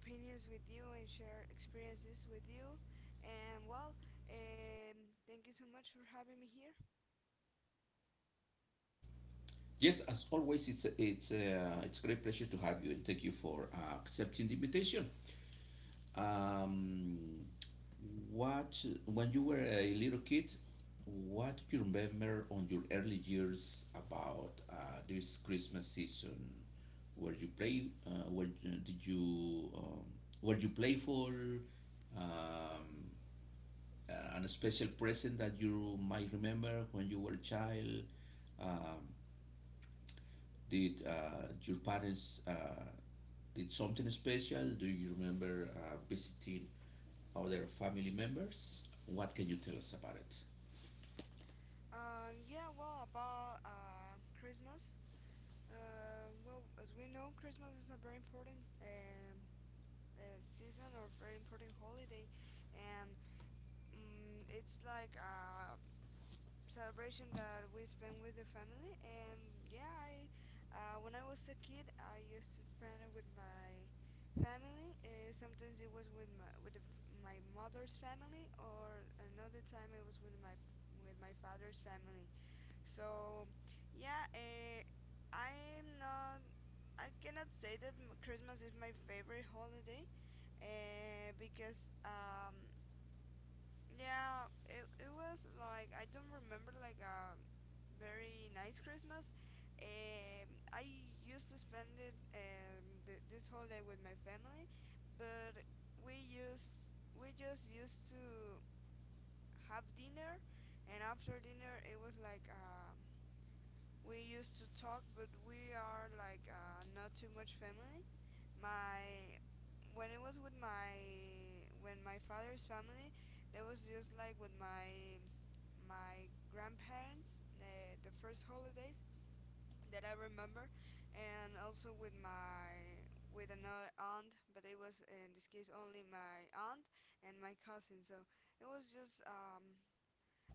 opinions with you and share experiences with you. And um, thank you so much for having me here. Yes, as always, it's a great pleasure to have you, and thank you for accepting the invitation. Um, what When you were a little kid, what do you remember on your early years about this Christmas season? Where you play? Where did you? Were you playful? Um, and a special present that you might remember when you were a child? Um, did your parents did something special? Do you remember visiting other family members? What can you tell us about Yeah, well, about Christmas. Well, as we know, Christmas is a very important season or very important holiday, and it's like a celebration that we spend with the family. And yeah, I when I was a kid, I used to spend it with my family. Sometimes it was with the, my mother's family, or another time it was with my father's family. So, yeah, eh, I'm not. I cannot say that Christmas is my favorite holiday, because yeah, it was like I don't remember like a very nice Christmas. I used to spend it this holiday with my family, but we used we just used to have dinner, and after dinner it was like we used to talk, but we are like not too much family. My when it was with my when my father's family, there was just like with my my grandparents the first holidays that I remember, and also with another aunt, but it was in this case only my aunt and my cousin. So it was just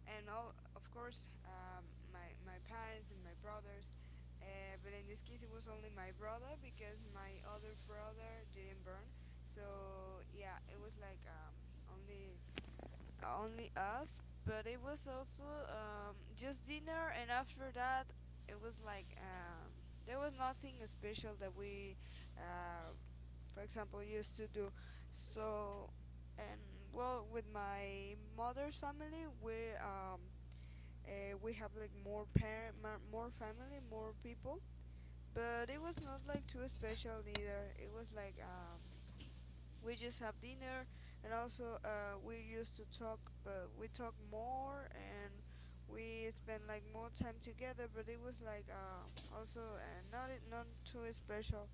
and all of course my my parents and my brothers. But in this case, it was only my brother because my other brother didn't burn. So yeah, it was like only only us. But it was also just dinner, and after that, it was like there was nothing special that uh, for example, used to do. So and Well, with my mother's family, we have like more family more people but it was not like too special either it was like we just have dinner and also we used to talk but we talk more and we spent like more time together but it was like also not not too special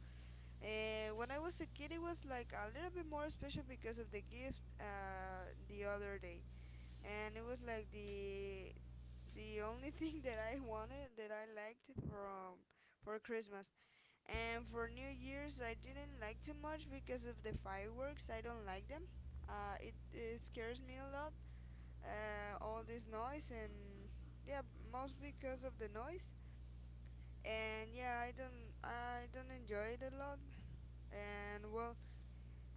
when I was a kid it was like a little bit more special because of the gift the other day and it was like the only thing that I wanted that I liked from for Christmas and for New Year's I didn't like too much because of the fireworks. I don't like them. It scares me a lot. All this noise and yeah, most because of the noise. And I don't enjoy it a lot. And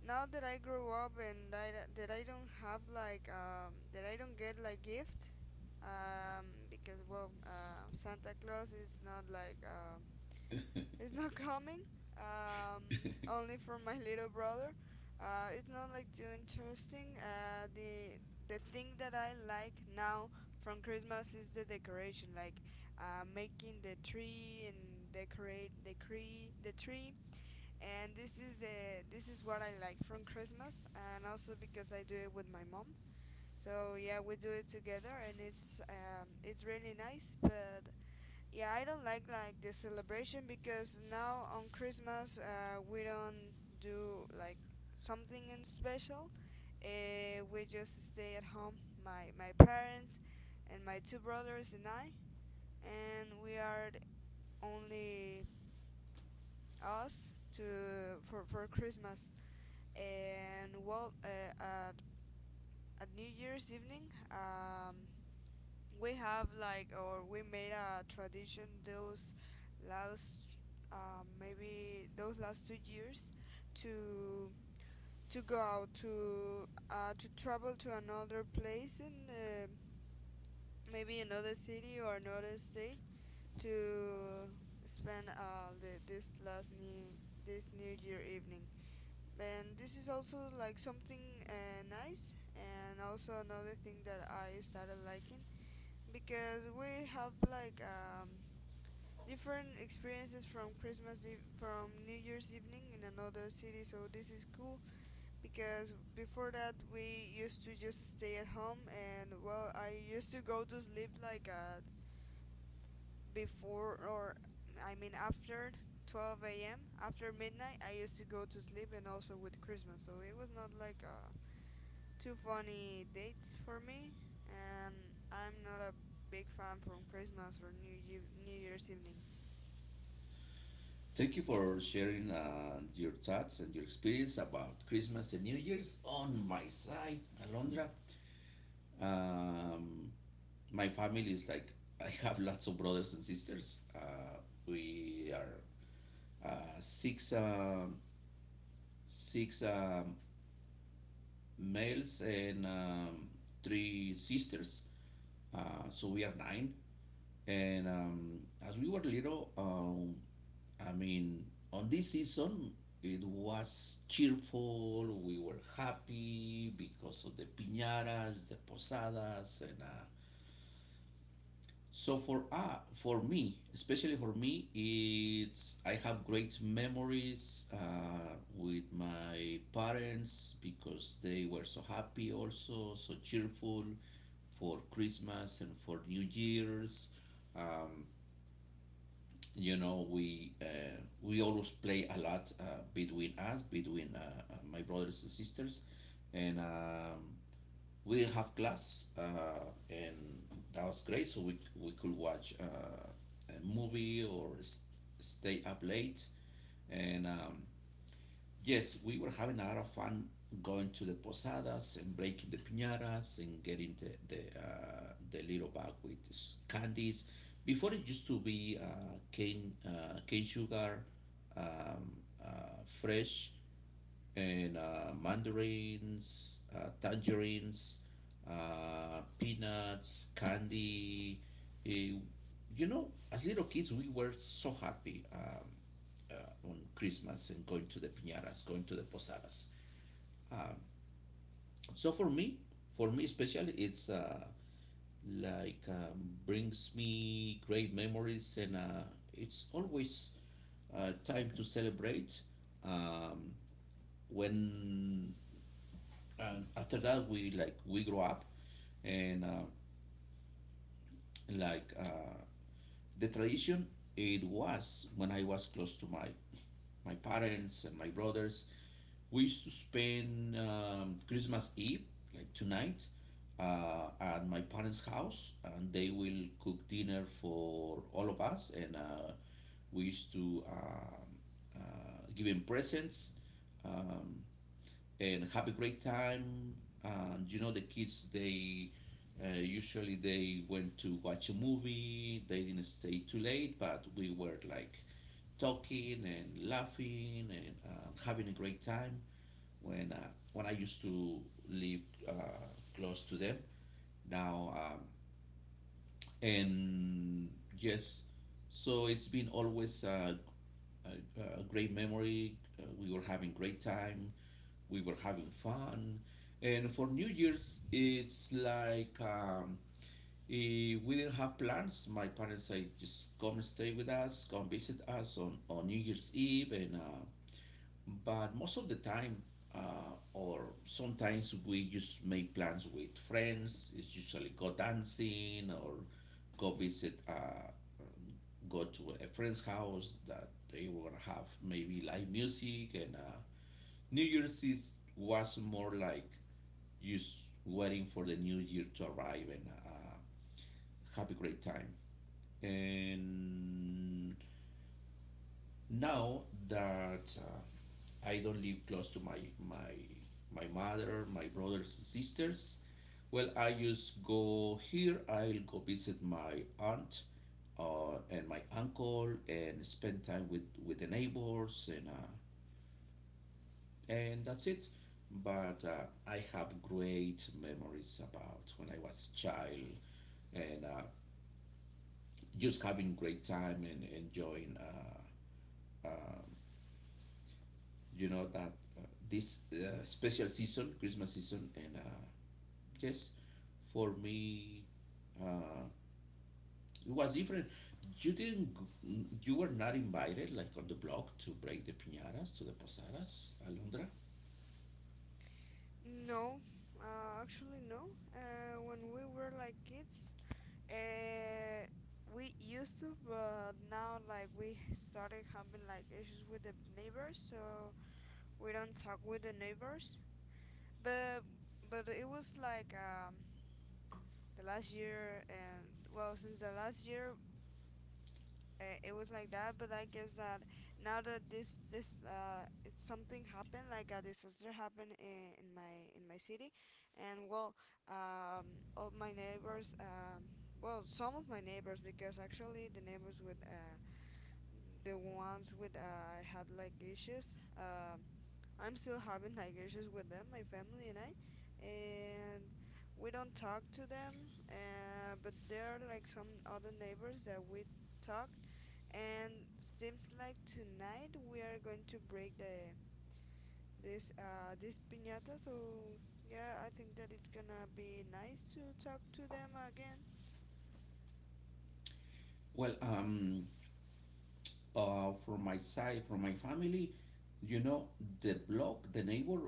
now that I grow up that I don't have like that I don't get like gifts because Santa Claus is not like is not coming. Um, it? only for my little brother. It's not like too interesting. The thing that I like now from Christmas is the decoration, like making the tree and decorate the tree, the tree. And this is the this is what I like from Christmas, and also because I do it with my mom. So yeah, we do it together, and it's really nice. But yeah, I don't like the celebration because now on Christmas we don't do like something in special. We just stay at home, my parents and my two brothers and I, and we are the only us to for Christmas. And at New Year's evening, um, we have like or we made a tradition those last maybe those last 2 years to to go out to to travel to another place in maybe another city or another state to spend this last new this new year evening and this is also like something nice and also another thing that I started liking because we have like different experiences from Christmas Eve from New Year's evening in another city, so this is cool because before that we used to just stay at home and well I used to go to sleep like before or I mean after 12 a.m., after midnight, I used to go to sleep and also with Christmas, so it was not like a two funny dates for me, and I'm not a big fan from Christmas or New Year's evening. Thank you for sharing your thoughts and your experience about Christmas and New Year's. On my side, Alondra, Um, my family is like, I have lots of brothers and sisters. We are uh, six, um six males and three sisters. So we are nine. And As we were little, I mean, on this season, it was cheerful. We were happy because of the piñatas, the posadas, and so for me, especially for me, it's I have great memories with my parents because they were so happy, also so cheerful for Christmas and for New Year's. Um, you know, we always play a lot between us between my brothers and sisters, and we didn't have class, and that was great, so we could watch a movie or stay up late, and yes, we were having a lot of fun going to the posadas and breaking the piñatas and getting the little bag with candies. Before it used to be cane sugar, um, fresh, and mandarins, tangerines, peanuts, candy. eh, you know, as little kids, we were so happy, on Christmas and going to the piñatas, going to the posadas. Um, so for me especially, it's like, brings me great memories, and it's always time to celebrate. Um, when and after that, we like we grow up, and like the tradition, it was when I was close to my parents and my brothers. We used to spend Christmas Eve, like tonight, at my parents house, and they will cook dinner for all of us, and we used to give him presents um, and have a great time. And you know the kids, they usually they went to watch a movie. They didn't stay too late, but we were like talking and laughing and having a great time when I used to live uh, close to them. Now, and yes, so it's been always a great memory. We were having great time, we were having fun. And for New Year's, it's like, we didn't have plans. My parents say, just come and stay with us, come visit us on New Year's Eve. And But most of the time, or sometimes we just make plans with friends. It's usually go dancing or go visit, uh, go to a friend's house that they were gonna have maybe live music and. New Year's Eve was more like just waiting for the new year to arrive and have a great time. And now that I don't live close to my mother, my brothers and sisters, well, I just go here. I'll go visit my aunt and my uncle and spend time with the neighbors and. And that's it. But I have great memories about when I was a child and just having great time and enjoying, um that this special season, Christmas season, and yes, for me, uh, it was different. You didn't, g- you were not invited, like, on the block to break the piñatas, to the posadas, Alondra. No, actually no. When we were like kids, uh, we used to, but now like we started having like issues with the neighbors, so we don't talk with the neighbors. But but it was like the last year, and well, since the last year it was like that but I guess that now that this it's something happened like a disaster happened in my city and um all my neighbors well some of my neighbors because actually the neighbors with the ones with had like issues I'm still having like issues with them, my family and I, and we don't talk to them. But there are like some other neighbors that we talked, and seems like tonight we are going to break the this this piñata. So yeah, I think that it's gonna be nice to talk to them again. Well, from my side, from my family, you know, the block, the neighbor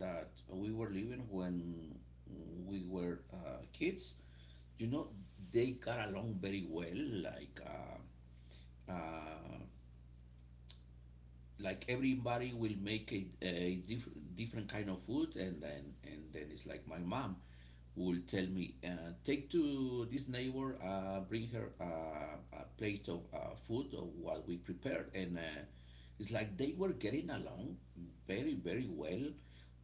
that we were living when we were kids, you know, they got along very well. Like, uh, like, everybody will make a different kind of food, and then it's like my mom will tell me, take to this neighbor, bring her a plate of food, or what we prepared. And It's like they were getting along very, very well.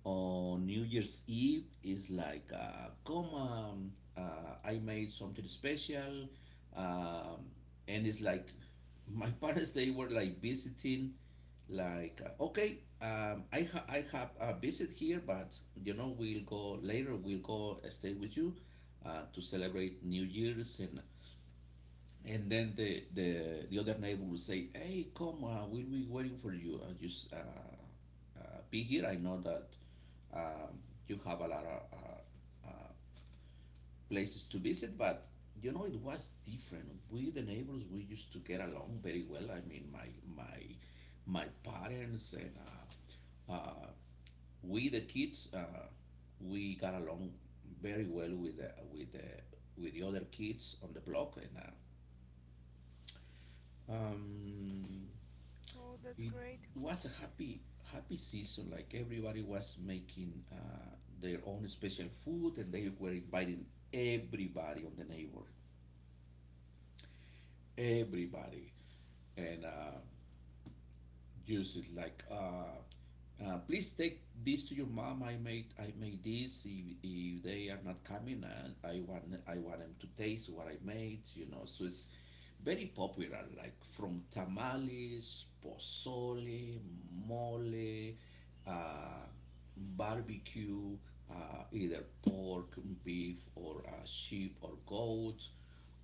On New Year's Eve, it's like, come, I made something special. Um, and it's like my parents, they were like visiting, like, okay, I have a visit here, but you know we'll go later, we'll go stay with you to celebrate New Year's. And then the other neighbor will say, hey, come, we'll be waiting for you, just, be here, I know that um, you have a lot of places to visit, but you know, it was different. We, the neighbors, we used to get along very well. I mean, my parents and, uh, uh, we, the kids, we got along very well with the other kids on the block, and um, Oh, that's it great. was a happy, happy season. Like, everybody was making their own special food, and they were inviting everybody on the neighbor, everybody, and use it like, please take this to your mom. I made this. If they are not coming, I want them to taste what I made. You know, so it's very popular, like from tamales, pozole, mole, uh, barbecue, either pork, beef, or sheep, or goat,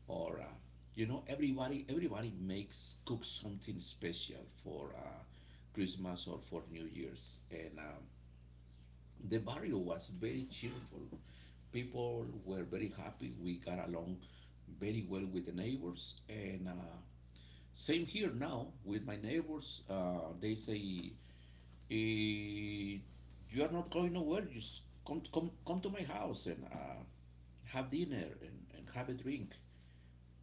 or you know, everybody makes cooks something special for. Christmas or for New Year's. And The barrio was very cheerful. People were very happy. We got along very well with the neighbors. And Same here now with my neighbors. They say, eh, "You are not going nowhere. Just come, come, come to my house and have dinner, and have a drink."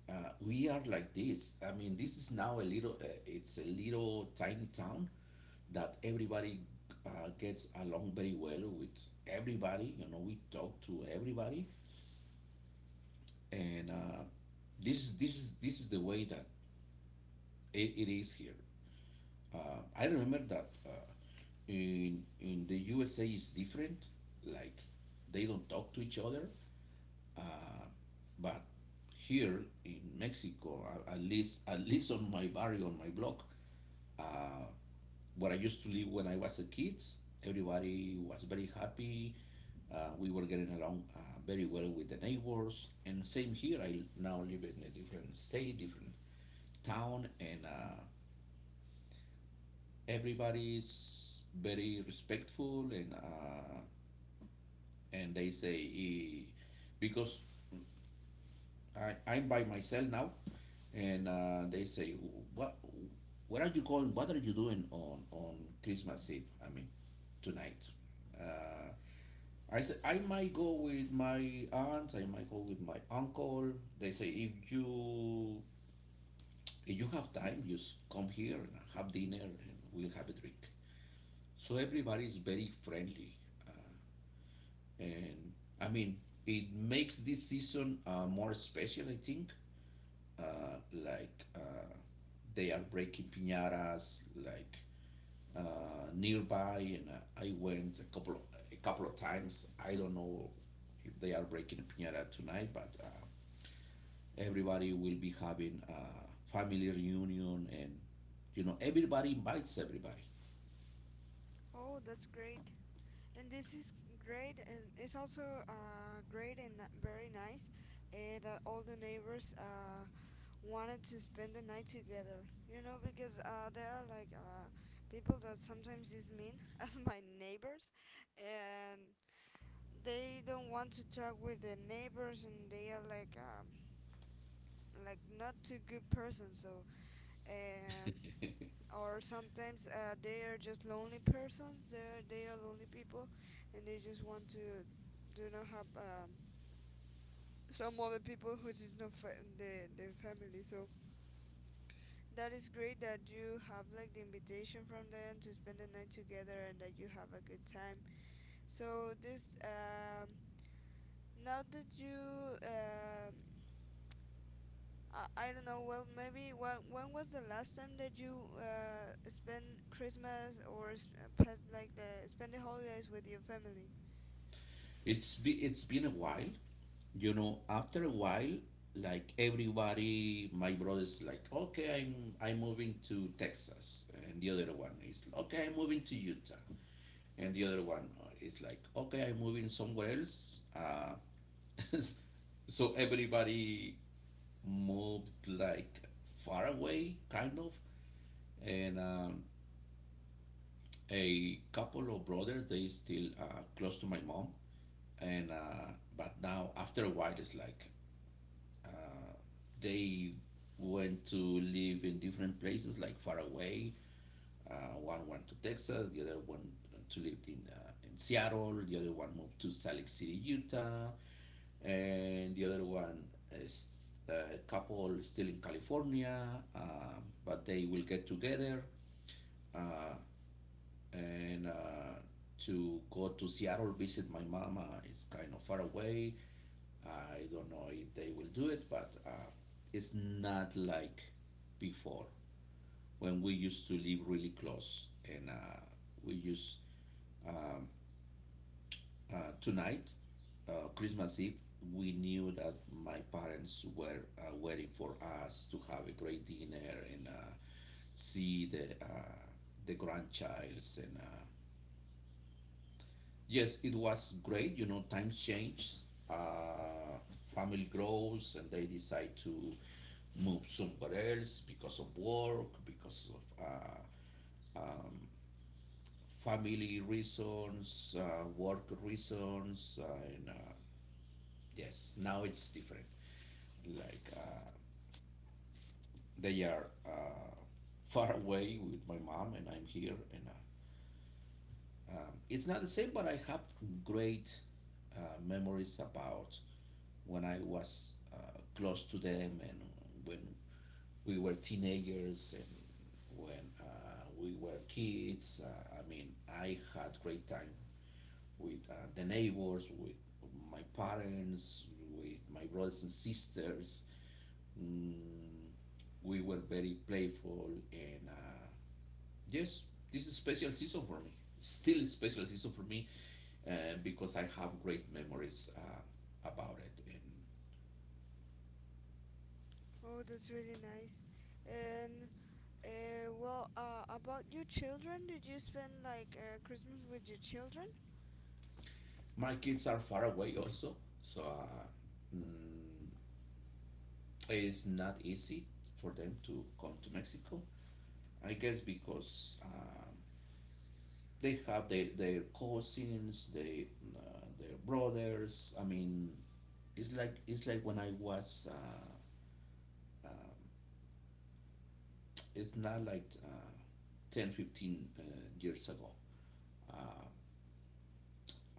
We are like this. I mean, this is now a little. It's a little tiny town that everybody gets along very well with everybody. You know, we talk to everybody, and this is the way that it is here. I remember that in the USA is different. Like, they don't talk to each other, uh, but here in Mexico, at least on my barrio, on my block, uh, where I used to live when I was a kid, everybody was very happy. We were getting along very well with the neighbors, and same here. I now live in a different state, different town, and everybody's very respectful, and they say, eh, because I'm by myself now, and they say, what where are you going? What are you doing on Christmas Eve? I mean, tonight. Uh, I say, I might go with my aunt. I might go with my uncle. They say, if you have time, just come here and have dinner, and we'll have a drink. So everybody is very friendly, uh, and I mean, it makes this season more special. I think, like, they are breaking piñatas, like, nearby, and I went a couple of times. I don't know if they are breaking a piñata tonight, but everybody will be having a family reunion, and you know everybody invites everybody. Oh, that's great. And this is great, and it's also great and very nice that all the neighbors wanted to spend the night together. You know, because there are like people that sometimes is mean, as my neighbors, and they don't want to talk with the neighbors, and they are like not too good person. So um, or sometimes they are just lonely persons. They are lonely people, and they just want to do not have some other people who is not the their family. So that is great that you have like the invitation from them to spend the night together and that you have a good time. So this now that you I don't know. Well, maybe when was the last time that you spent Christmas or past like the spend the holidays with your family? It's been a while. After a while, like everybody, my brother's like, okay, I'm moving to Texas, and the other one is okay, I'm moving to Utah, and the other one is like, okay, I'm moving somewhere else. So everybody moved, like, far away, kind of. And A couple of brothers, they still close to my mom. And But now, after a while, it's like, uh, they went to live in different places, like far away. One went to Texas, the other one to live in Seattle. The other one moved to Salt Lake City, Utah. And the other one is a couple still in California, but they will get together, uh, and to go to Seattle, visit my mama. It's kind of far away. I don't know if they will do it, but it's not like before when we used to live really close and we used um, tonight, Christmas Eve, we knew that my parents were waiting for us to have a great dinner and see the grandchilds. And Yes, it was great. You know, times change, uh, family grows, and they decide to move somewhere else because of work, because of. Um, family reasons, work reasons, and yes, now it's different. Like they are far away with my mom and I'm here and it's not the same, but I have great uh, memories about when I was close to them, and when we were teenagers, and when we were kids. I mean, I had great time with the neighbors, with my parents, with my brothers and sisters. Mm, we were very playful, and yes, this is special season for me. Still a special season for me because I have great memories about it. And Oh, that's really nice. And about your children, did you spend like Christmas with your children? my kids are far away also, so mm, it's not easy for them to come to Mexico. I guess because they have their cousins, they their brothers. I mean, it's like when I was um, it's not like 10, 15 years ago. Uh,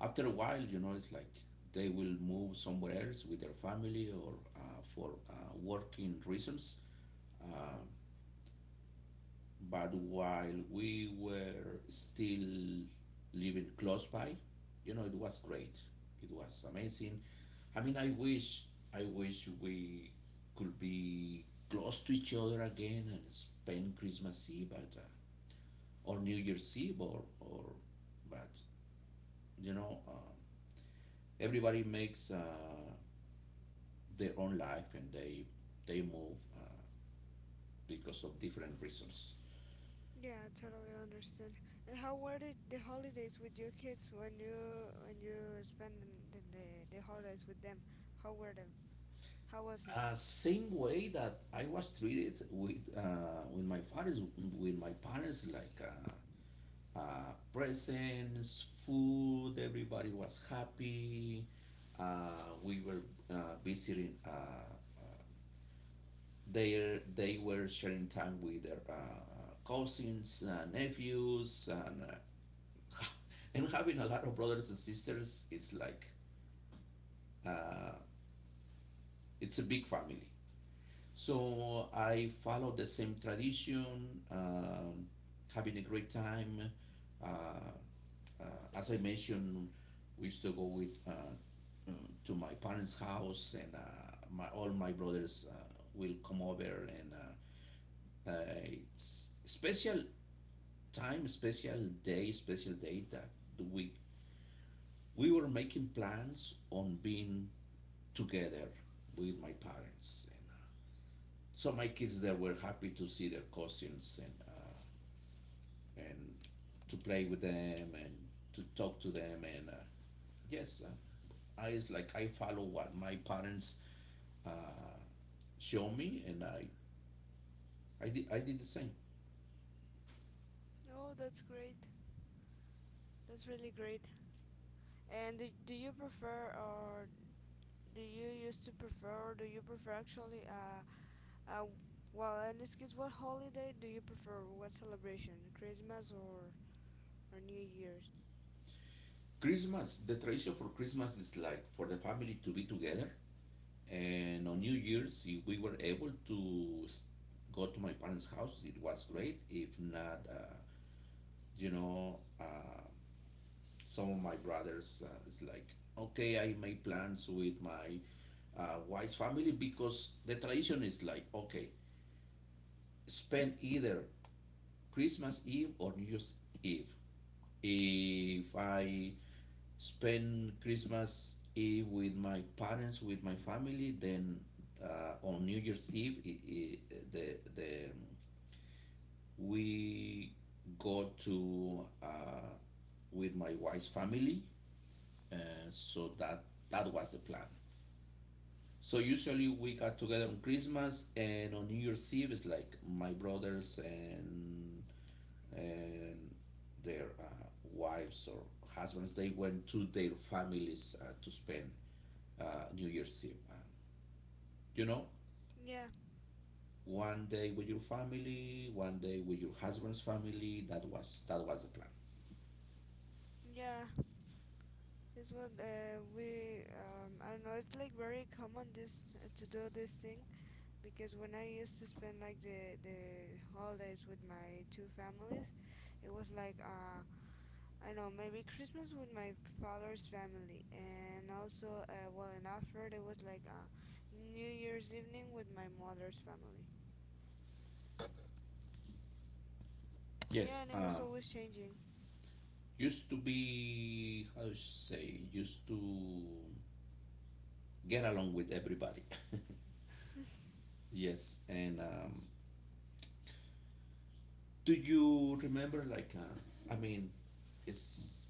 After a while, you know, it's like they will move somewhere else with their family, or for working reasons. Uh, but while we were still living close by, you know, it was great. It was amazing. I mean, I wish we could be close to each other again and spend Christmas Eve at or New Year's Eve, or but you know, everybody makes their own life and they move because of different reasons. Yeah, I totally understand. And how were the holidays with your kids when you spend the holidays with them? How were them? How was it? Same way that I was treated with my fathers, with my parents, like presents, food. Everybody was happy. We were visiting. Uh, they were sharing time with their cousins, nephews, and and having a lot of brothers and sisters. It's like uh, it's a big family. So I follow the same tradition, having a great time. Uh, as I mentioned, we used to go with uh, to my parents' house, and my all my brothers will come over, and uh, uh, it's special time, special day that we we were making plans on being together with my parents. And So my kids there were happy to see their cousins and to play with them and to talk to them and yes, I is like I follow what my parents uh, show me and I did the same. Oh, that's great. That's really great. And do you prefer, or do you used to prefer, or do you prefer actually, uh, in this case, what holiday do you prefer? What celebration? Christmas or New Year's? Christmas, the tradition for Christmas is like for the family to be together. And on New Year's, if we were able to go to my parents' house, it was great. If not, you know, some of my brothers is like, okay, I made plans with my wife's family, because the tradition is like, okay, spend either Christmas Eve or New Year's Eve. If I spend Christmas Eve with my parents, with my family, then on New Year's Eve, I the we go to with my wife's family. Uh, so that that was the plan. So usually we got together on Christmas and on New Year's Eve. It's like my brothers and their wives or husbands, they went to their families to spend New Year's Eve. And, you know, Yeah, one day with your family, one day with your husband's family. That was the plan. yeah, it's what I don't know, it's like very common this to do this thing because when I used to spend like the holidays with my two families, it was like, I don't know, maybe Christmas with my father's family, and also, and after it was like New Year's evening with my mother's family. Yes, Yeah, and it was always changing. used to be, how to say, used to get along with everybody. Yes, and do you remember like I mean, it's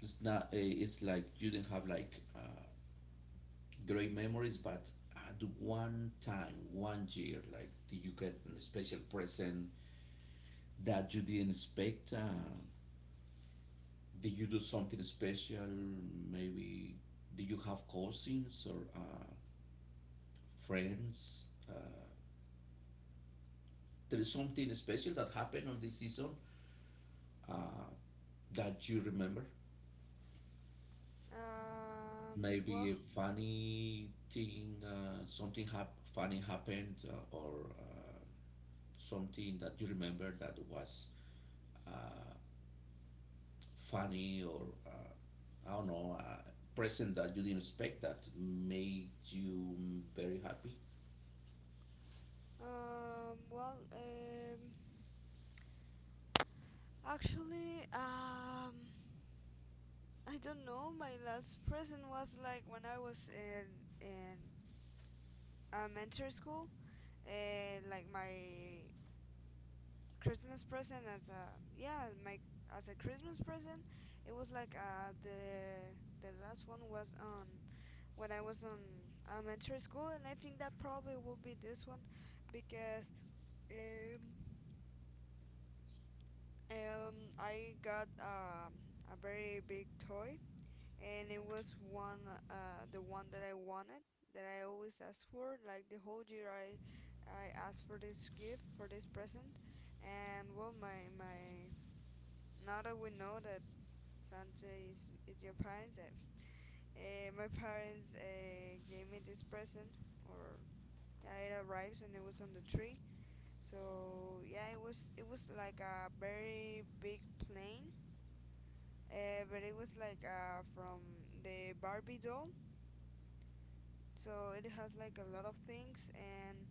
it's not eh, it's like you didn't have like great memories, but at one time, one year, like, did you get a special present that you didn't expect? Did you do something special? Maybe did you have cousins or friends? There is something special that happened on this season uh, that you remember? Um, Maybe well, a funny thing, something funny happened, or something that you remember that was uh, funny or, I don't know, present that you didn't expect that made you very happy? um, well, um, actually, I don't know. My last present was like when I was in elementary school. Like my Christmas present as a yeah my as a Christmas present it was like the last one was on when I was on elementary school and I think that probably will be this one because um I got a very big toy and it was one the one that I wanted that I always asked for like the whole year I asked for this gift for this present and well my now that we know that Santa is your parents. My parents gave me this present, or yeah, it arrives and it was on the tree. So yeah, it was like a very big plane, but it was like from the Barbie doll. So it has like a lot of things, and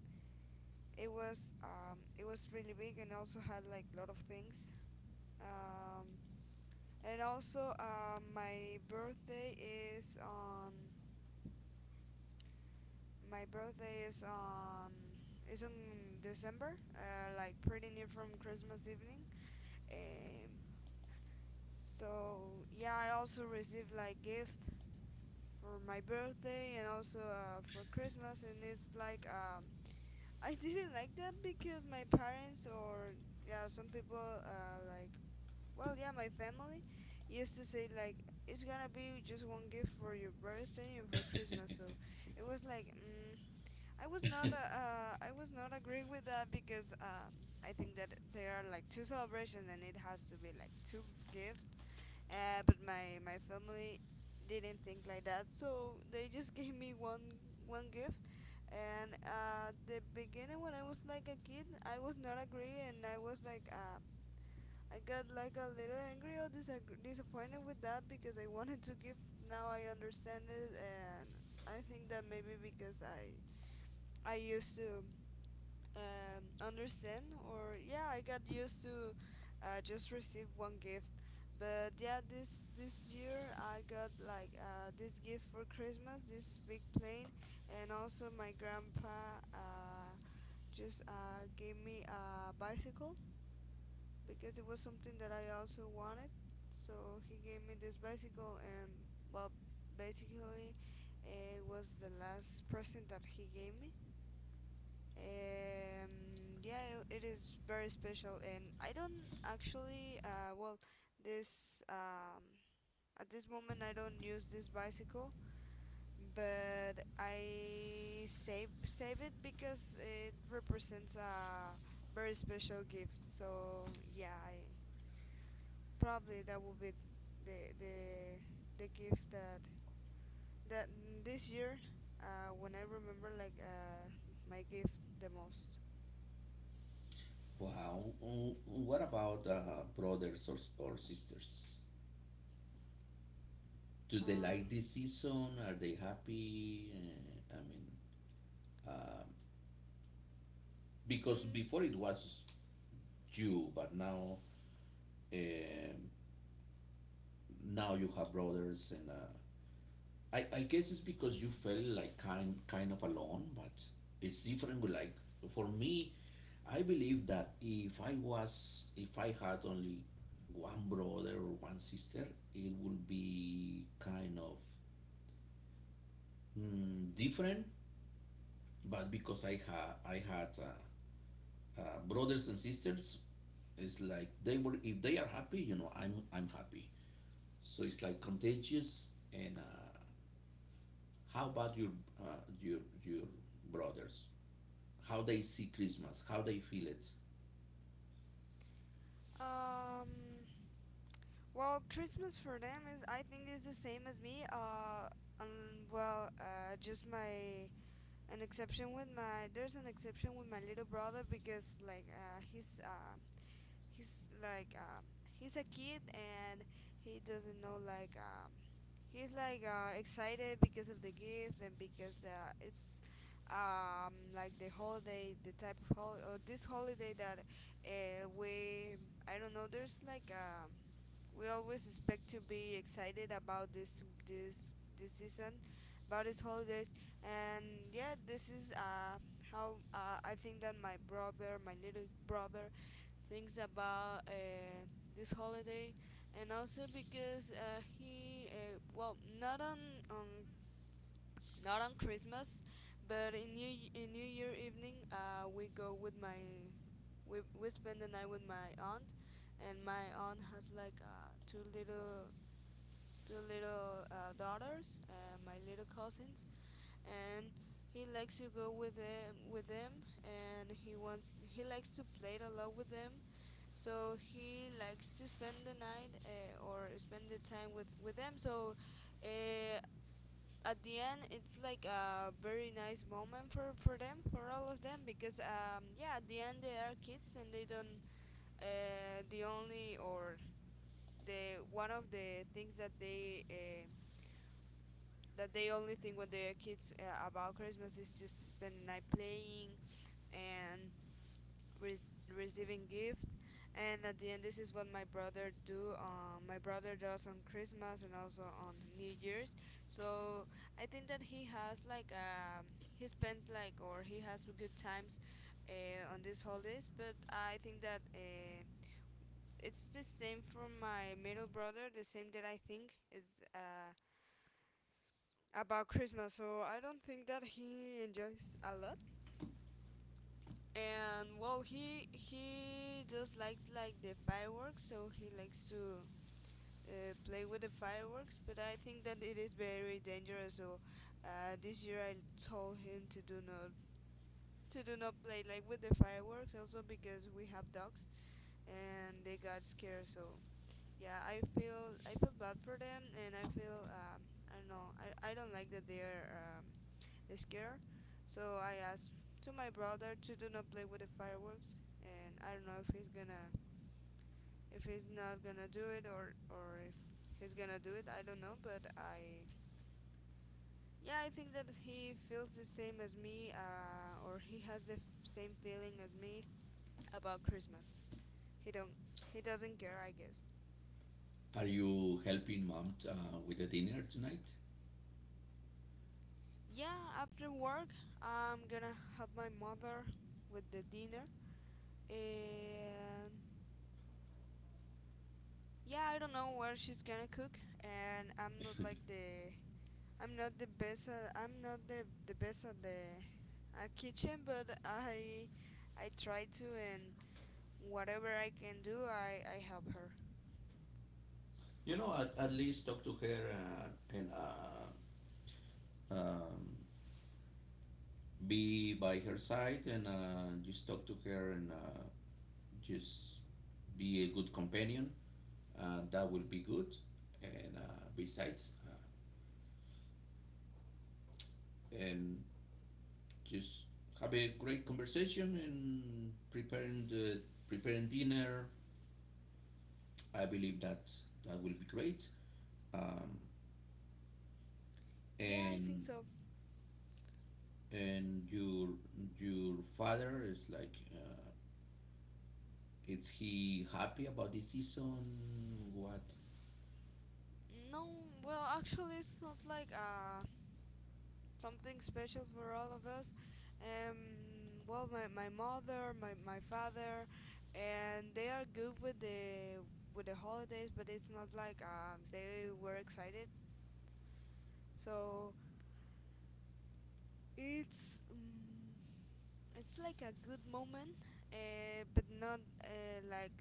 it was really big, and also had like a lot of things. Um, and also, my birthday is on is in December, like pretty near from Christmas evening. Um, so yeah, I also received like gift for my birthday and also for Christmas, and it's like I didn't like that because my parents or yeah, some people uh, like well yeah, my family used to say like it's gonna be just one gift for your birthday and for Christmas, so it was like. I was not agree with that because I think that there are like two celebrations and it has to be like two gifts. But my family didn't think like that, so they just gave me one gift. And the beginning when I was like a kid, I was not agree and I was like I got like a little angry or disappointed with that because I wanted to give. Now I understand it and I think that maybe because I used to understand or yeah I got used to just receive one gift but yeah this year I got like this gift for Christmas this big plane and also my grandpa just gave me a bicycle because it was something that I also wanted so he gave me this bicycle and well basically it was the last present that he gave me um, yeah, it is very special, and I don't actually, well, this, um, at this moment I don't use this bicycle, but I save it because it represents a very special gift. So yeah, I probably that would be the the the gift that that this year, when I remember like my gift the most. Wow. What about brothers, or sisters? Do they Uh, like this season? Are they happy? I mean, um because mm, before it was you, but now um now you have brothers, and I guess it's because you felt like kind of alone, but it's different. Like for me, I believe that if I had only one brother or one sister, it would be kind of different. But because I had brothers and sisters, it's like they were. If they are happy, you know, I'm happy. So it's like contagious. And how about uh, your brothers? How they see Christmas? How they feel it? Um, well, Christmas for them is, I think, is the same as me. Well, just my an exception with my there's an exception with my little brother because he's like um, he's a kid and he doesn't know like he's like excited because of the gift and because it's like the holiday the type of holiday or this holiday that we I don't know there's like we always expect to be excited about this this season about these holidays and yeah this is how I think that my little brother thinks about this holiday and also because he well on not on Christmas but in in New Year evening we spend the night with my aunt and my aunt has like two little daughters, my little cousins, and he likes to go with them, and he likes to play a lot with them. So he likes to spend the night or spend the time with them. So uh, at the end, it's like a very nice moment for them, for all of them, because yeah, at the end they are kids and they don't the only or the one of the things that they only think when they are kids about Christmas is just to spend the night playing and receiving gifts. And at the end, this is what my brother do. My brother does on Christmas and also on New Year's. So I think that he has like he spends like or he has good times on these holidays. But I think that. It's the same for my middle brother, the same that I think is uh about Christmas, so I don't think that he enjoys a lot. And well, he just likes like the fireworks, so he likes to play with the fireworks. But I think that it is very dangerous. So this year I told him to do not play like with the fireworks, also because we have dogs and they got scared. So yeah, I feel bad for them, and I feel I don't know I don't like that they are scared. So I asked to my brother to do not play with the fireworks, and I don't know if he's gonna, if he's not gonna do it or if he's gonna do it. I don't know, but yeah, I think that he feels the same as me, or he has the same feeling as me about Christmas. He don't, he doesn't care, I guess. Are you helping mom with the dinner tonight? Yeah, after work, I'm gonna help my mother with the dinner, and yeah I don't know where she's gonna cook and I'm not like the best at I'm not the, the best at the at kitchen but I try to and whatever I can do I help her. You know, at least talk to her and um, be by her side and just talk to her and just be a good companion. That will be good. And besides, and just have a great conversation and preparing the preparing dinner. I believe that that will be great. Um, Yeah, I think and so. and your father is like. Is he happy about this season? What? No, well actually it's not like something special for all of us. Well, my mother, my father, and they are good with the holidays, but it's not like they were excited. So it's um, it's like a good moment, but not uh, like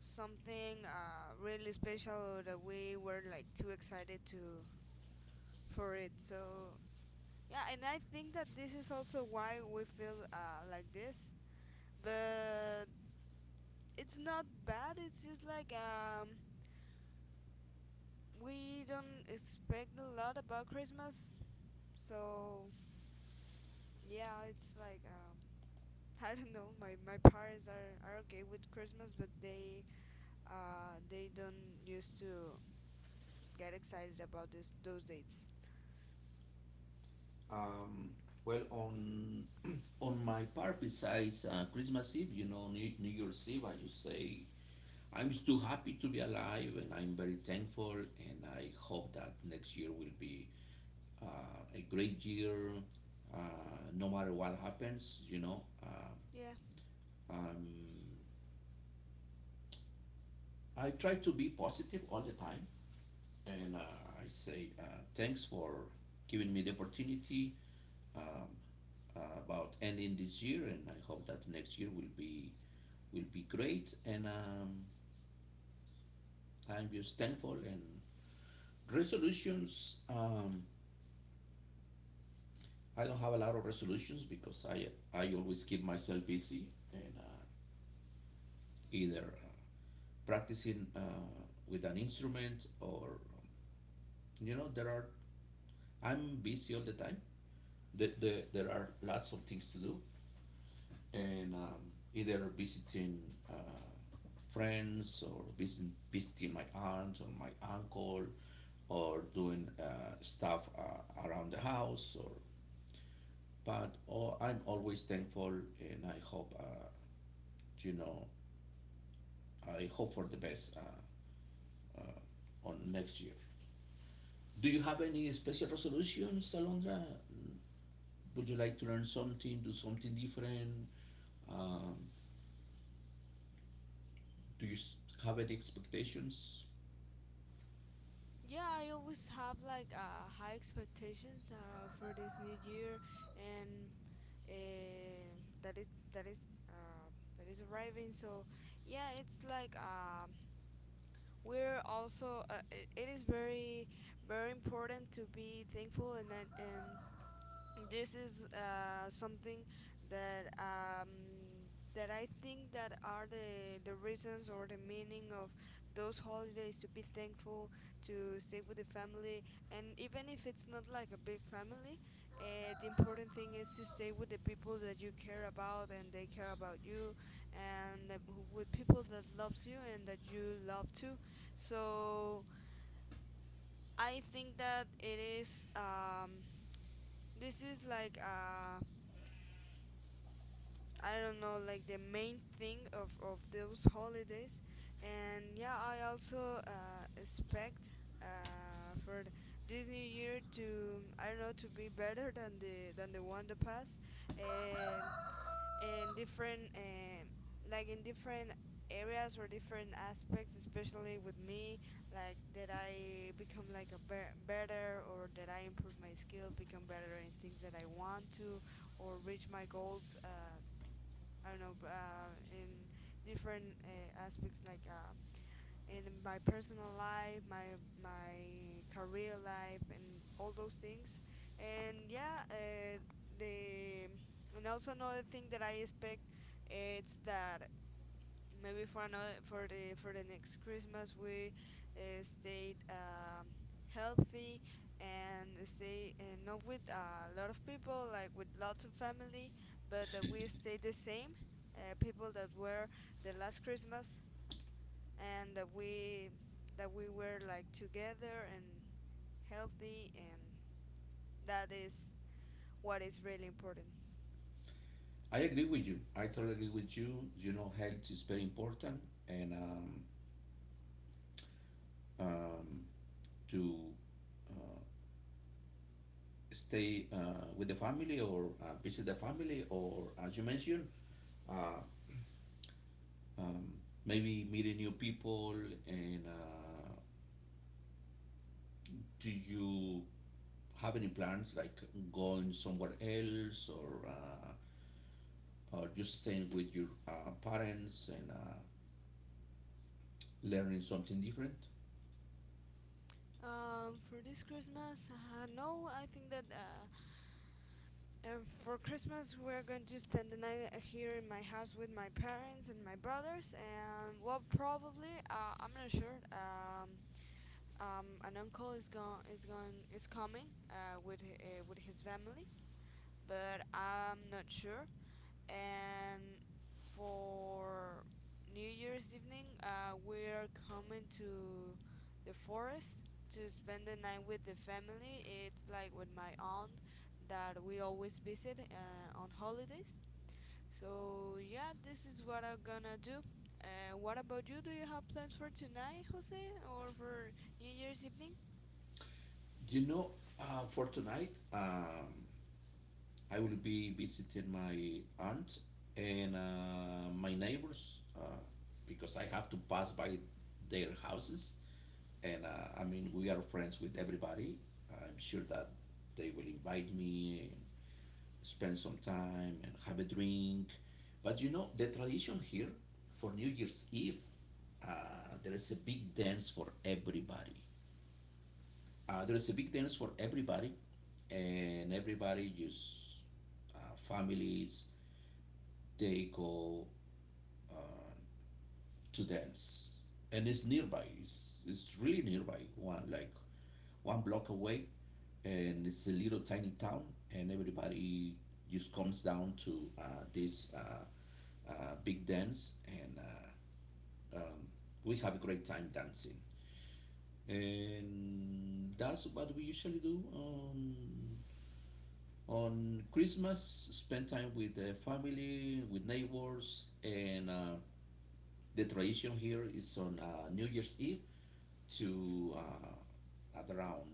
something really special or that we were like too excited to for it. So yeah, and I think that this is also why we feel like this but it's not bad. It's just like we don't expect a lot about Christmas, so yeah, it's like I don't know. My parents are okay with Christmas, but they don't used to get excited about this those dates. Um, well, on my part, besides Christmas Eve, you know, New, New Year's Eve, I just say I'm too happy to be alive, and I'm very thankful, and I hope that next year will be a great year, uh, no matter what happens. You know, Yeah. um, I try to be positive all the time, and I say thanks for giving me the opportunity. Um, uh, about ending this year, and I hope that next year will be great. And I'm just thankful. And resolutions, I don't have a lot of resolutions, because I always keep myself busy and either practicing with an instrument, or you know, there are I'm busy all the time. There are lots of things to do, and either visiting uh, friends or visit, visiting my aunt or my uncle, or doing stuff around the house, or but oh, I'm always thankful, and I hope you know, I hope for the best on next year. Do you have any special resolutions, Alondra? Would you like to learn something, do something different? um, do you have any expectations? Yeah, I always have like high expectations for this new year, and uh, that is that is uh, that is arriving. So yeah, it's like we're also it is very very important to be thankful and this is something that that I think that are the reasons or the meaning of those holidays to be thankful to stay with the family and even if it's not like a big family the important thing is to stay with the people that you care about and they care about you and with people that loves you and that you love too so I think that it is this is like I don't know, like the main thing of those holidays. And yeah, I also expect uh, for th- this new year to I don't know to be better than the one that passed. Um, in different like in different areas or different aspects, especially with me, like that I become like a better or that I improve my skill, become better in things that I want to, or reach my goals I don't know, in different aspects like in my personal life, my career life, and all those things. And yeah, the and also another thing that I expect it's that maybe for another for the next Christmas we stayed healthy and stay not with a lot of people like with lots of family but that we stayed the same people that were the last Christmas and that we were like together and healthy and that is what is really important. I agree with you. I totally agree with you. You know, health is very important, and um, to uh, stay with the family or visit the family, or as you mentioned, uh, um, maybe meeting new people. And do you have any plans like going somewhere else, or just staying with your parents and learning something different? For this Christmas no I think that and for Christmas, we're going to spend the night here in my house with my parents and my brothers. And well, probably I'm not sure. An uncle is coming with his family, but I'm not sure and for New Year's evening, we're coming to the forest to spend the night with the family. It's like with my aunt that we always visit on holidays. So yeah, this is what I'm gonna do. What about you? Do you have plans for tonight, Jose, or for New Year's evening? You know, for tonight. I will be visiting my aunt and my neighbors because I have to pass by their houses. And I mean, we are friends with everybody. I'm sure that they will invite me, spend some time, and have a drink. But you know, the tradition here for New Year's Eve, there is a big dance for everybody. There is a big dance for everybody, and everybody just families, they go uh, to dance, and it's nearby. It's really nearby. One like one block away, and it's a little tiny town, and everybody just comes down to this big dance, and um, we have a great time dancing. And that's what we usually do on Christmas. Spend time with the family, with neighbors, and the tradition here is on New Year's Eve to at around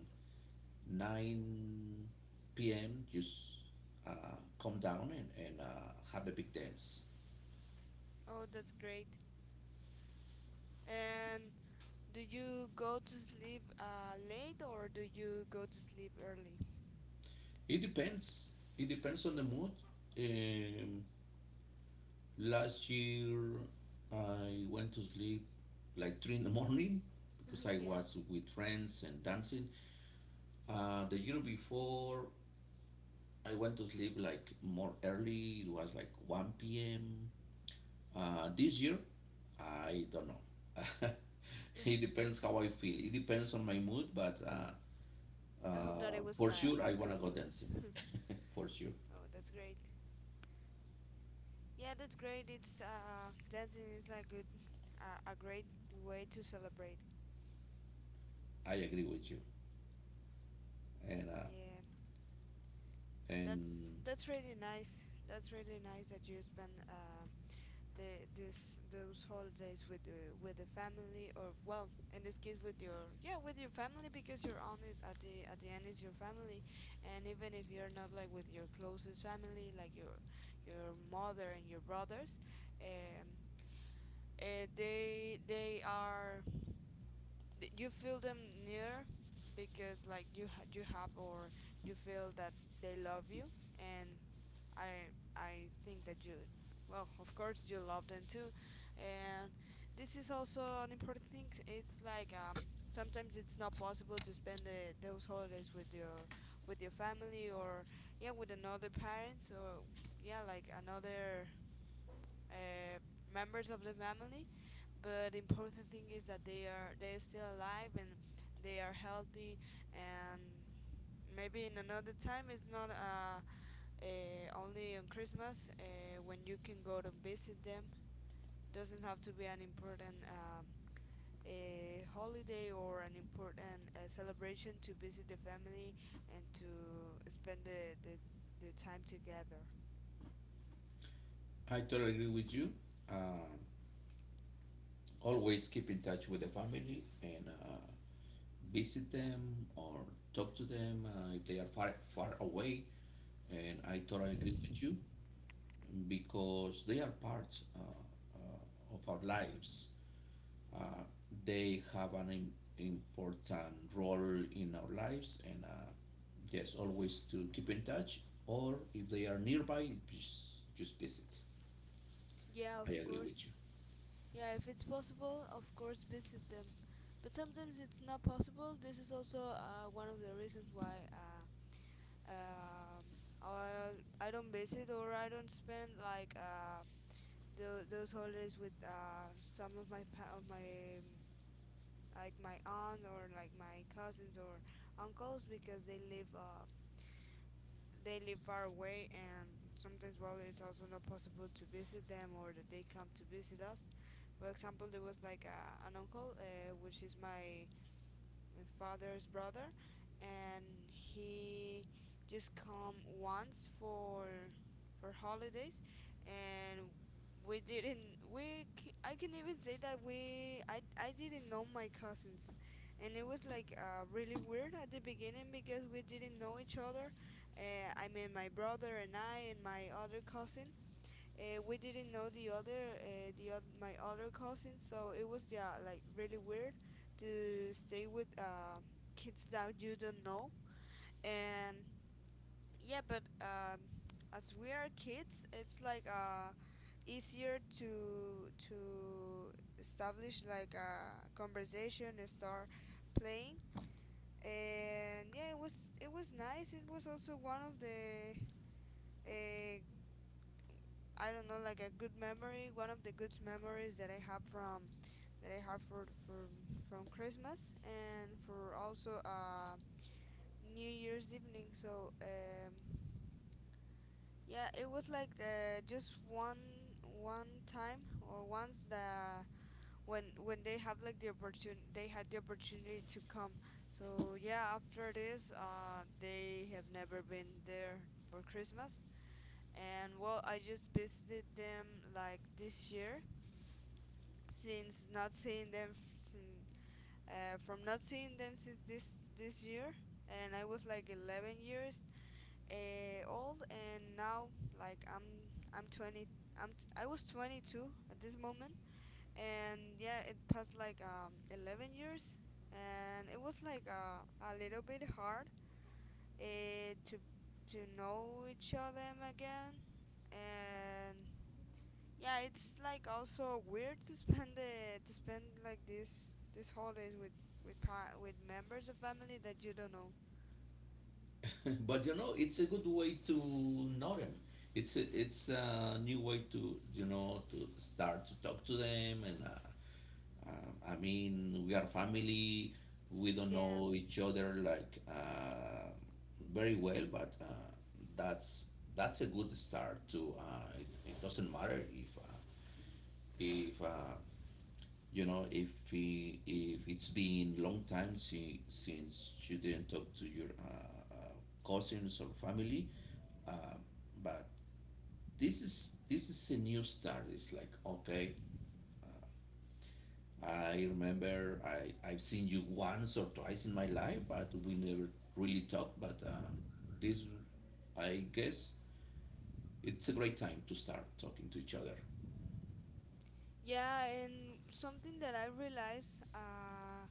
9 p.m. Just come down and have a big dance. Oh, that's great. And do you go to sleep late or do you go to sleep early? It depends. It depends on the mood. Um, Last year, I went to sleep like three in the morning because I Yeah, was with friends and dancing. The year before, I went to sleep like more early. It was like 1 p.m. This year, I don't know. yeah. It depends how I feel. It depends on my mood, but I hope that it was for like sure, a I good wanna go dancing. mood. For sure, Oh, that's great. Yeah, that's great. It's dancing is like good, a great way to celebrate. I agree with you, and uh, Yeah, and that's really nice. That's really nice that you spend the this those holidays with the family, or well, in this case with your, yeah, with your family, because your aunt is at the end is your family. And even if you're not like with your closest family, like your mother and your brothers, um they are you feel them near, because like you have, or you feel that they love you. And I think that you, well, of course you love them too. And this is also an important thing. It's like, sometimes it's not possible to spend those holidays with your family, or yeah, with another parents, or yeah, like another uh, members of the family. But the important thing is that they are still alive and they are healthy. And maybe in another time, it's not a only on Christmas when you can go to visit them. Doesn't have to be an important a holiday or an important celebration to visit the family and to spend the time together. I totally agree with you. Uh, Always keep in touch with the family and visit Yeah. them or talk to them if they are far away. And I totally agree with you because they are part of our lives, uh, they have an important role in our lives and yes, always to keep in touch, or if they are nearby, just visit. Yeah, of I agree with course. Yeah, if it's possible, of course, visit them. But sometimes it's not possible. This is also one of the reasons why um, I, I don't visit, or I don't spend like those holidays with some of my like my aunt or like my cousins or uncles, because they live far away, and sometimes, well, it's also not possible to visit them, or that they come to visit us. For example, there was like an uncle which is my my father's brother, and he just come once for holidays, and we didn't we c- I can even say that we I didn't know my cousins, and it was like really weird at the beginning because we didn't know each other. I mean, my brother and I and my other cousin, we didn't know the other, my other cousin, so it was, yeah, like really weird to stay with kids that you don't know. And yeah, but as we are kids, it's like easier to establish like a conversation and start playing. And yeah, it was nice. It was also one of the uh, I don't know, like a good memory. One of the good memories that I have from that I have for from Christmas and for also New Year's evening. So, yeah, it was like just one time, or once the, when they have like the opportun they had the opportunity to come. So yeah, after this they have never been there for Christmas. And well, I just visited them like this year since not seeing them since, from not seeing them since this year. And I was like 11 years old, and now like I'm 20, I was 22 at this moment, and yeah, it passed like 11 years. And it was like a little bit hard uh, to to know each other again. And yeah, it's like also weird to spend the to spend like this holidays with with members of family that you don't know. you. But you know, it's a good way to know them. It's it's a new way to, you know, to start to talk to them and I mean, we are family. We don't Yeah. know each other like very well, but that's that's a good start too. It doesn't matter if if uh, you know, if if it's been long time since you didn't talk to your cousins or family. Uh, but this is a new start. It's like okay, uh, I remember I've seen you once or twice in my life, but we never really talked. But this, I guess, it's a great time to start talking to each other. Yeah. And something that I realized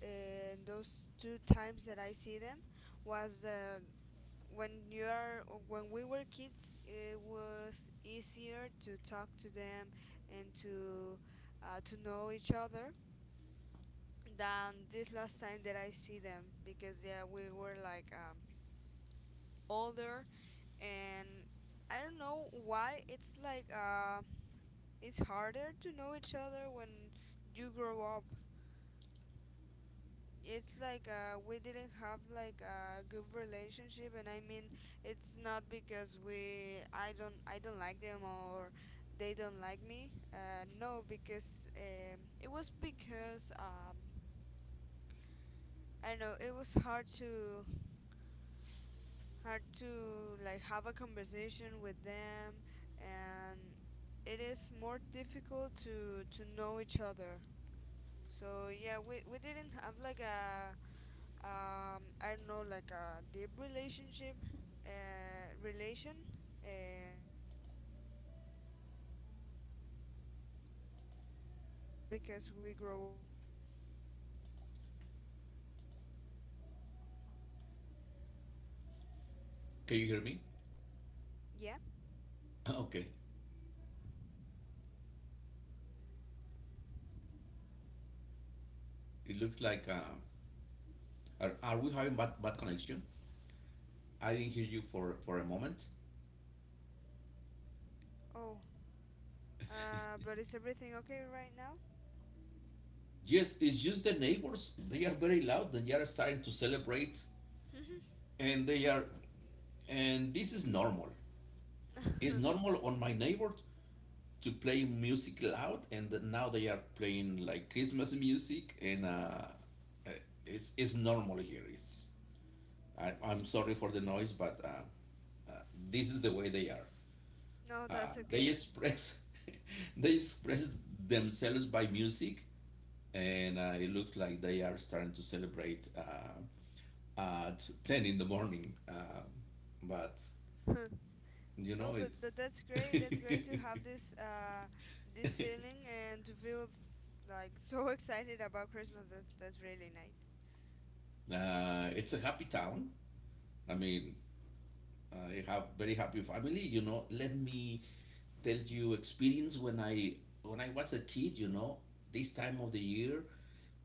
in those two times that I see them was that when you're when we were kids, it was easier to talk to them and to know each other than this last time that I see them, because yeah, we were like, older. And I don't know why, it's like it's harder to know each other when you grow up. It's like we didn't have like a good relationship. And I mean, it's not because we I don't like them, or they don't like me. No, because it was because I don't know, it was hard to like have a conversation with them, and it is more difficult to know each other. So yeah, we didn't have like a I don't know, like a deep relationship, relation um between me and them. And I think that it is because we grow up. Can you hear me? Yeah. Okay. It looks like are we having bad connection? I didn't hear you for a moment. Oh. But is everything okay right now? Yes, it's just the neighbors. They are very loud and they are starting to celebrate, and this is normal. It's normal on my neighbors to play music loud, and now they are playing like Christmas music, and uh, it's normal here. I'm sorry for the noise, but uh, this is the way they are. No, that's They okay. express they express themselves by music, and it looks like they are starting to celebrate at 10 in the morning. But you Oh, know, it's but that's great. That's great to have this this feeling and to feel like so excited about Christmas. That's really nice. It's a happy town. I mean, I have very happy family. You know, let me tell you experience when I was a kid. You know, this time of the year,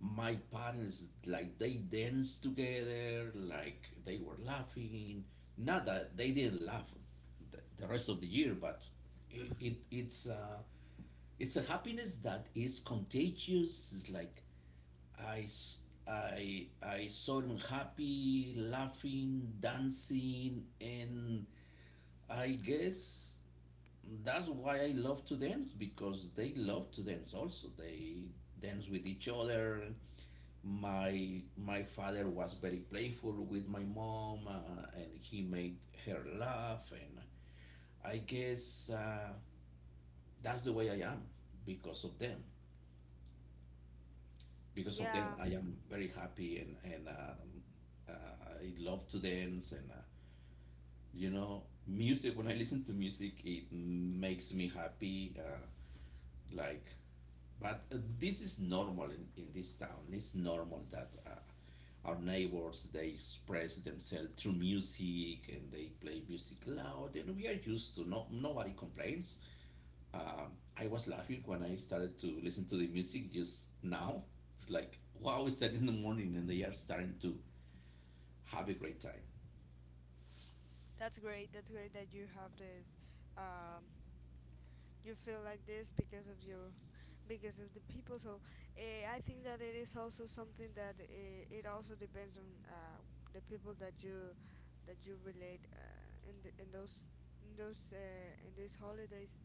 my parents like they danced together, like they were laughing. Not that they didn't laugh the rest of the year, but it, it it's uh, it's a happiness that is contagious. It's like I s- I saw them happy, laughing, dancing, and I guess that's why I love to dance because they love to dance also. They dance with each other. My father was very playful with my mom, and he made her laugh. And I guess that's the way I am because of them. Because of them, Yeah, I am very happy and um, I love to dance and. You know, music, when I listen to music, it makes me happy, like but this is normal in this town. It's normal that our neighbors, they express themselves through music and they play music loud, and we are used to. No, nobody complains. Um, I was laughing when I started to listen to the music just now. It's like wow, it's that in the morning, and they are starting to have a great time. that's great. That's great that you have this. Um, you feel like this because of your because of the people. So I think that it is also something that it also depends on the people that you relate in the, in those in those in these holidays.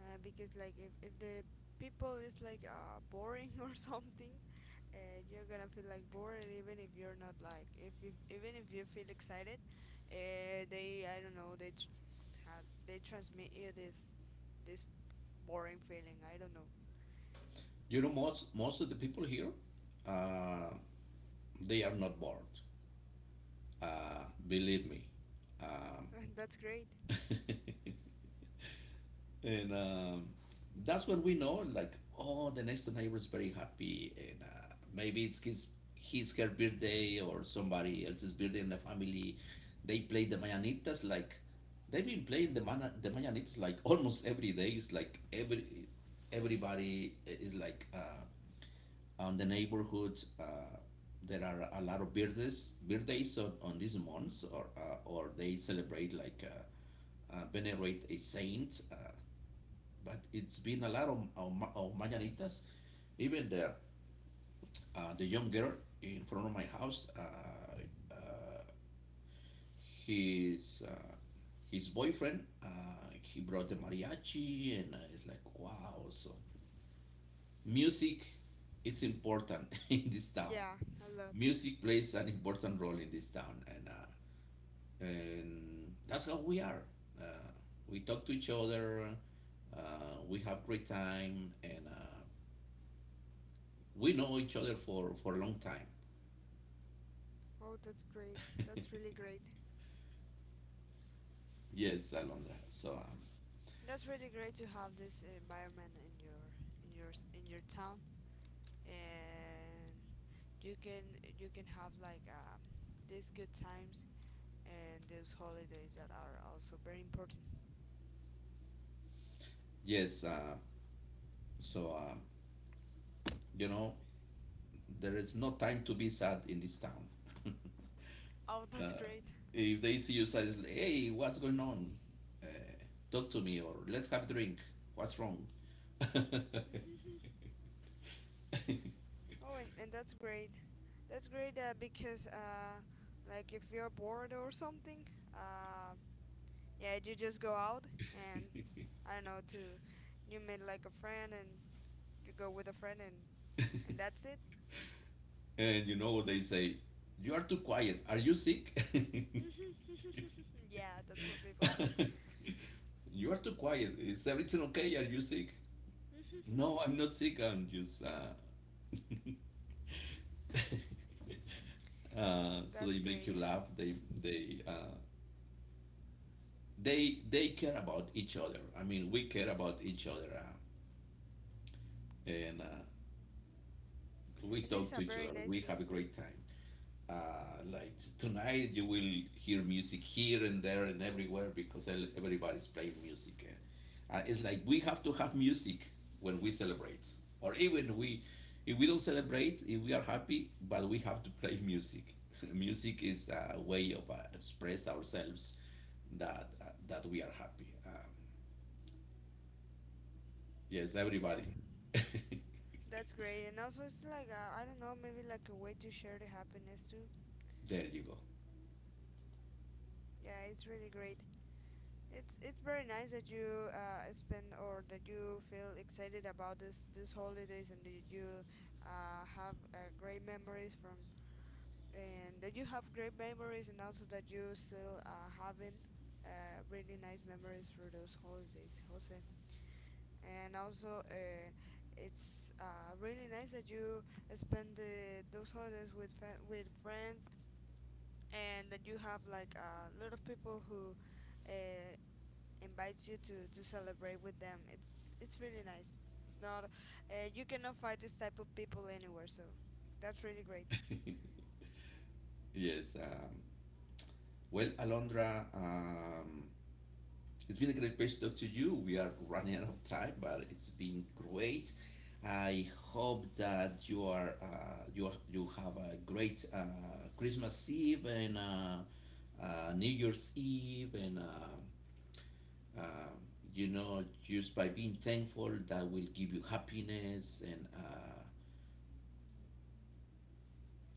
Because like if the people is like boring or something, you're gonna feel like bored, even if you're not like if you, even if you feel excited, they, I don't know, how they transmit you this this boring feeling, I don't know. You know, most of the people here, uh, they are not bored. Believe me. Um, That's great. and that's when we know like oh, the next door neighbor is very happy and maybe it's his, her birthday or somebody else's birthday in the family. They play the mañanitas like they've been playing the mana the mañanitas like almost every day. It's like everybody is like on the neighborhood, there are a lot of birthdays on these months or they celebrate like venerate a saint, but it's been a lot of mañanitas. Even the young girl in front of my house, his uh, his boyfriend, he brought the mariachi, and it's like wow. So music is important in this town. Yeah, a lot. Music plays an important role in this town, and that's how we are. Uh, we talk to each other. We have great time, and. We know each other for a long time. Oh, that's great. That's really great. Yes, Alondra. So That's really great to have this environment in your in your in your town. And you can you can have like, these good times and those holidays that are also very important. yes, uh, so uh, you know, there is no time to be sad in this town. Oh, that's Uh, great. if they see you, says, hey, what's going on? Uh, talk to me or let's have a drink. What's wrong? Oh, and that's great. That's great because like if you're bored or something, uh, yeah, you just go out, and I don't know, to you meet like a friend, and you go with a friend, and that's it. And you know what they say? You are too quiet. Are you sick? Yeah, that's what people say. You are too quiet. Is everything okay? Are you sick? No, I'm not sick. I'm just. Uh, so That's they make great. you laugh. They uh, they care about each other. I mean, we care about each other, and we And this is talk a to each very other. nice We have thing. a great time. uh, like tonight you will hear music here and there and everywhere because everybody's playing music. Eh? It's like we have to have music when we celebrate, or if we don't celebrate, if we are happy, but we have to play music. Music is a way of express ourselves that that we are happy. Yes, everybody. Yeah. There That's great. And also, it's like, I don't know, maybe like a way to share the happiness too. you go. Yeah, it's really great. It's very nice that you spend, or that you feel excited about this this holidays, and that you have great memories from and that you have great memories, and also that you still having really nice memories for those holidays, Jose. And also, it's really nice that you spend those holidays with with friends, and then you have like a lot of people who uh, invites you to celebrate with them. It's really nice. Not you cannot find this type of people anywhere, so that's really great. Yes. Well, Alondra. It's been a great pleasure to talk to you. We are running out of time, but it's been great. I hope that you are, you have a great Christmas Eve and New Year's Eve and. Uh, you know, just by being thankful, that will give you happiness. And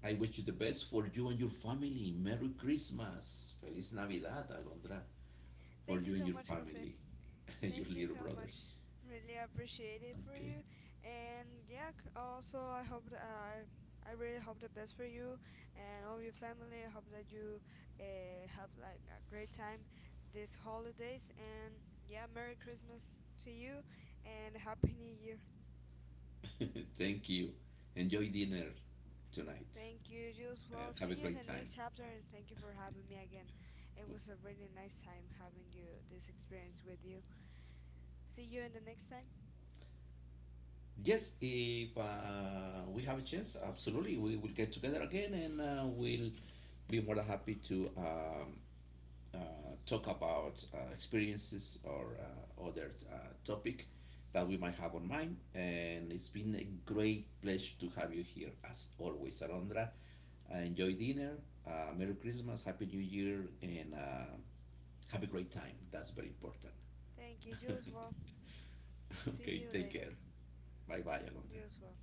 I wish you the best for you and your family. Merry Christmas. Feliz Navidad, Alondra, for Thank you you and so your much, Jose. family, and your Thank you little so much. brothers. Really appreciate it for Okay. you. And yeah, also I hope that I really hope the best for you and all your family. I hope that you have like a great time these holidays. And yeah, Merry Christmas to you, and Happy New Year. Thank you. Enjoy dinner tonight. Thank you, Jules. Well, Have a see you in great the time. next chapter, and thank you for having me again. It was a really nice time having you, this experience with you. See you in the next time. Yes, if we have a chance, absolutely, we will get together again and we'll be more than happy to uh, talk about experiences or other topic that we might have on mind. And it's been a great pleasure to have you here, as always, Alondra. Enjoy dinner. Merry Christmas, Happy New Year, and have a great time. That's very important. Thank you, Jules. Well, see Ok, you take later. care. Bye bye, Alondra. You as well.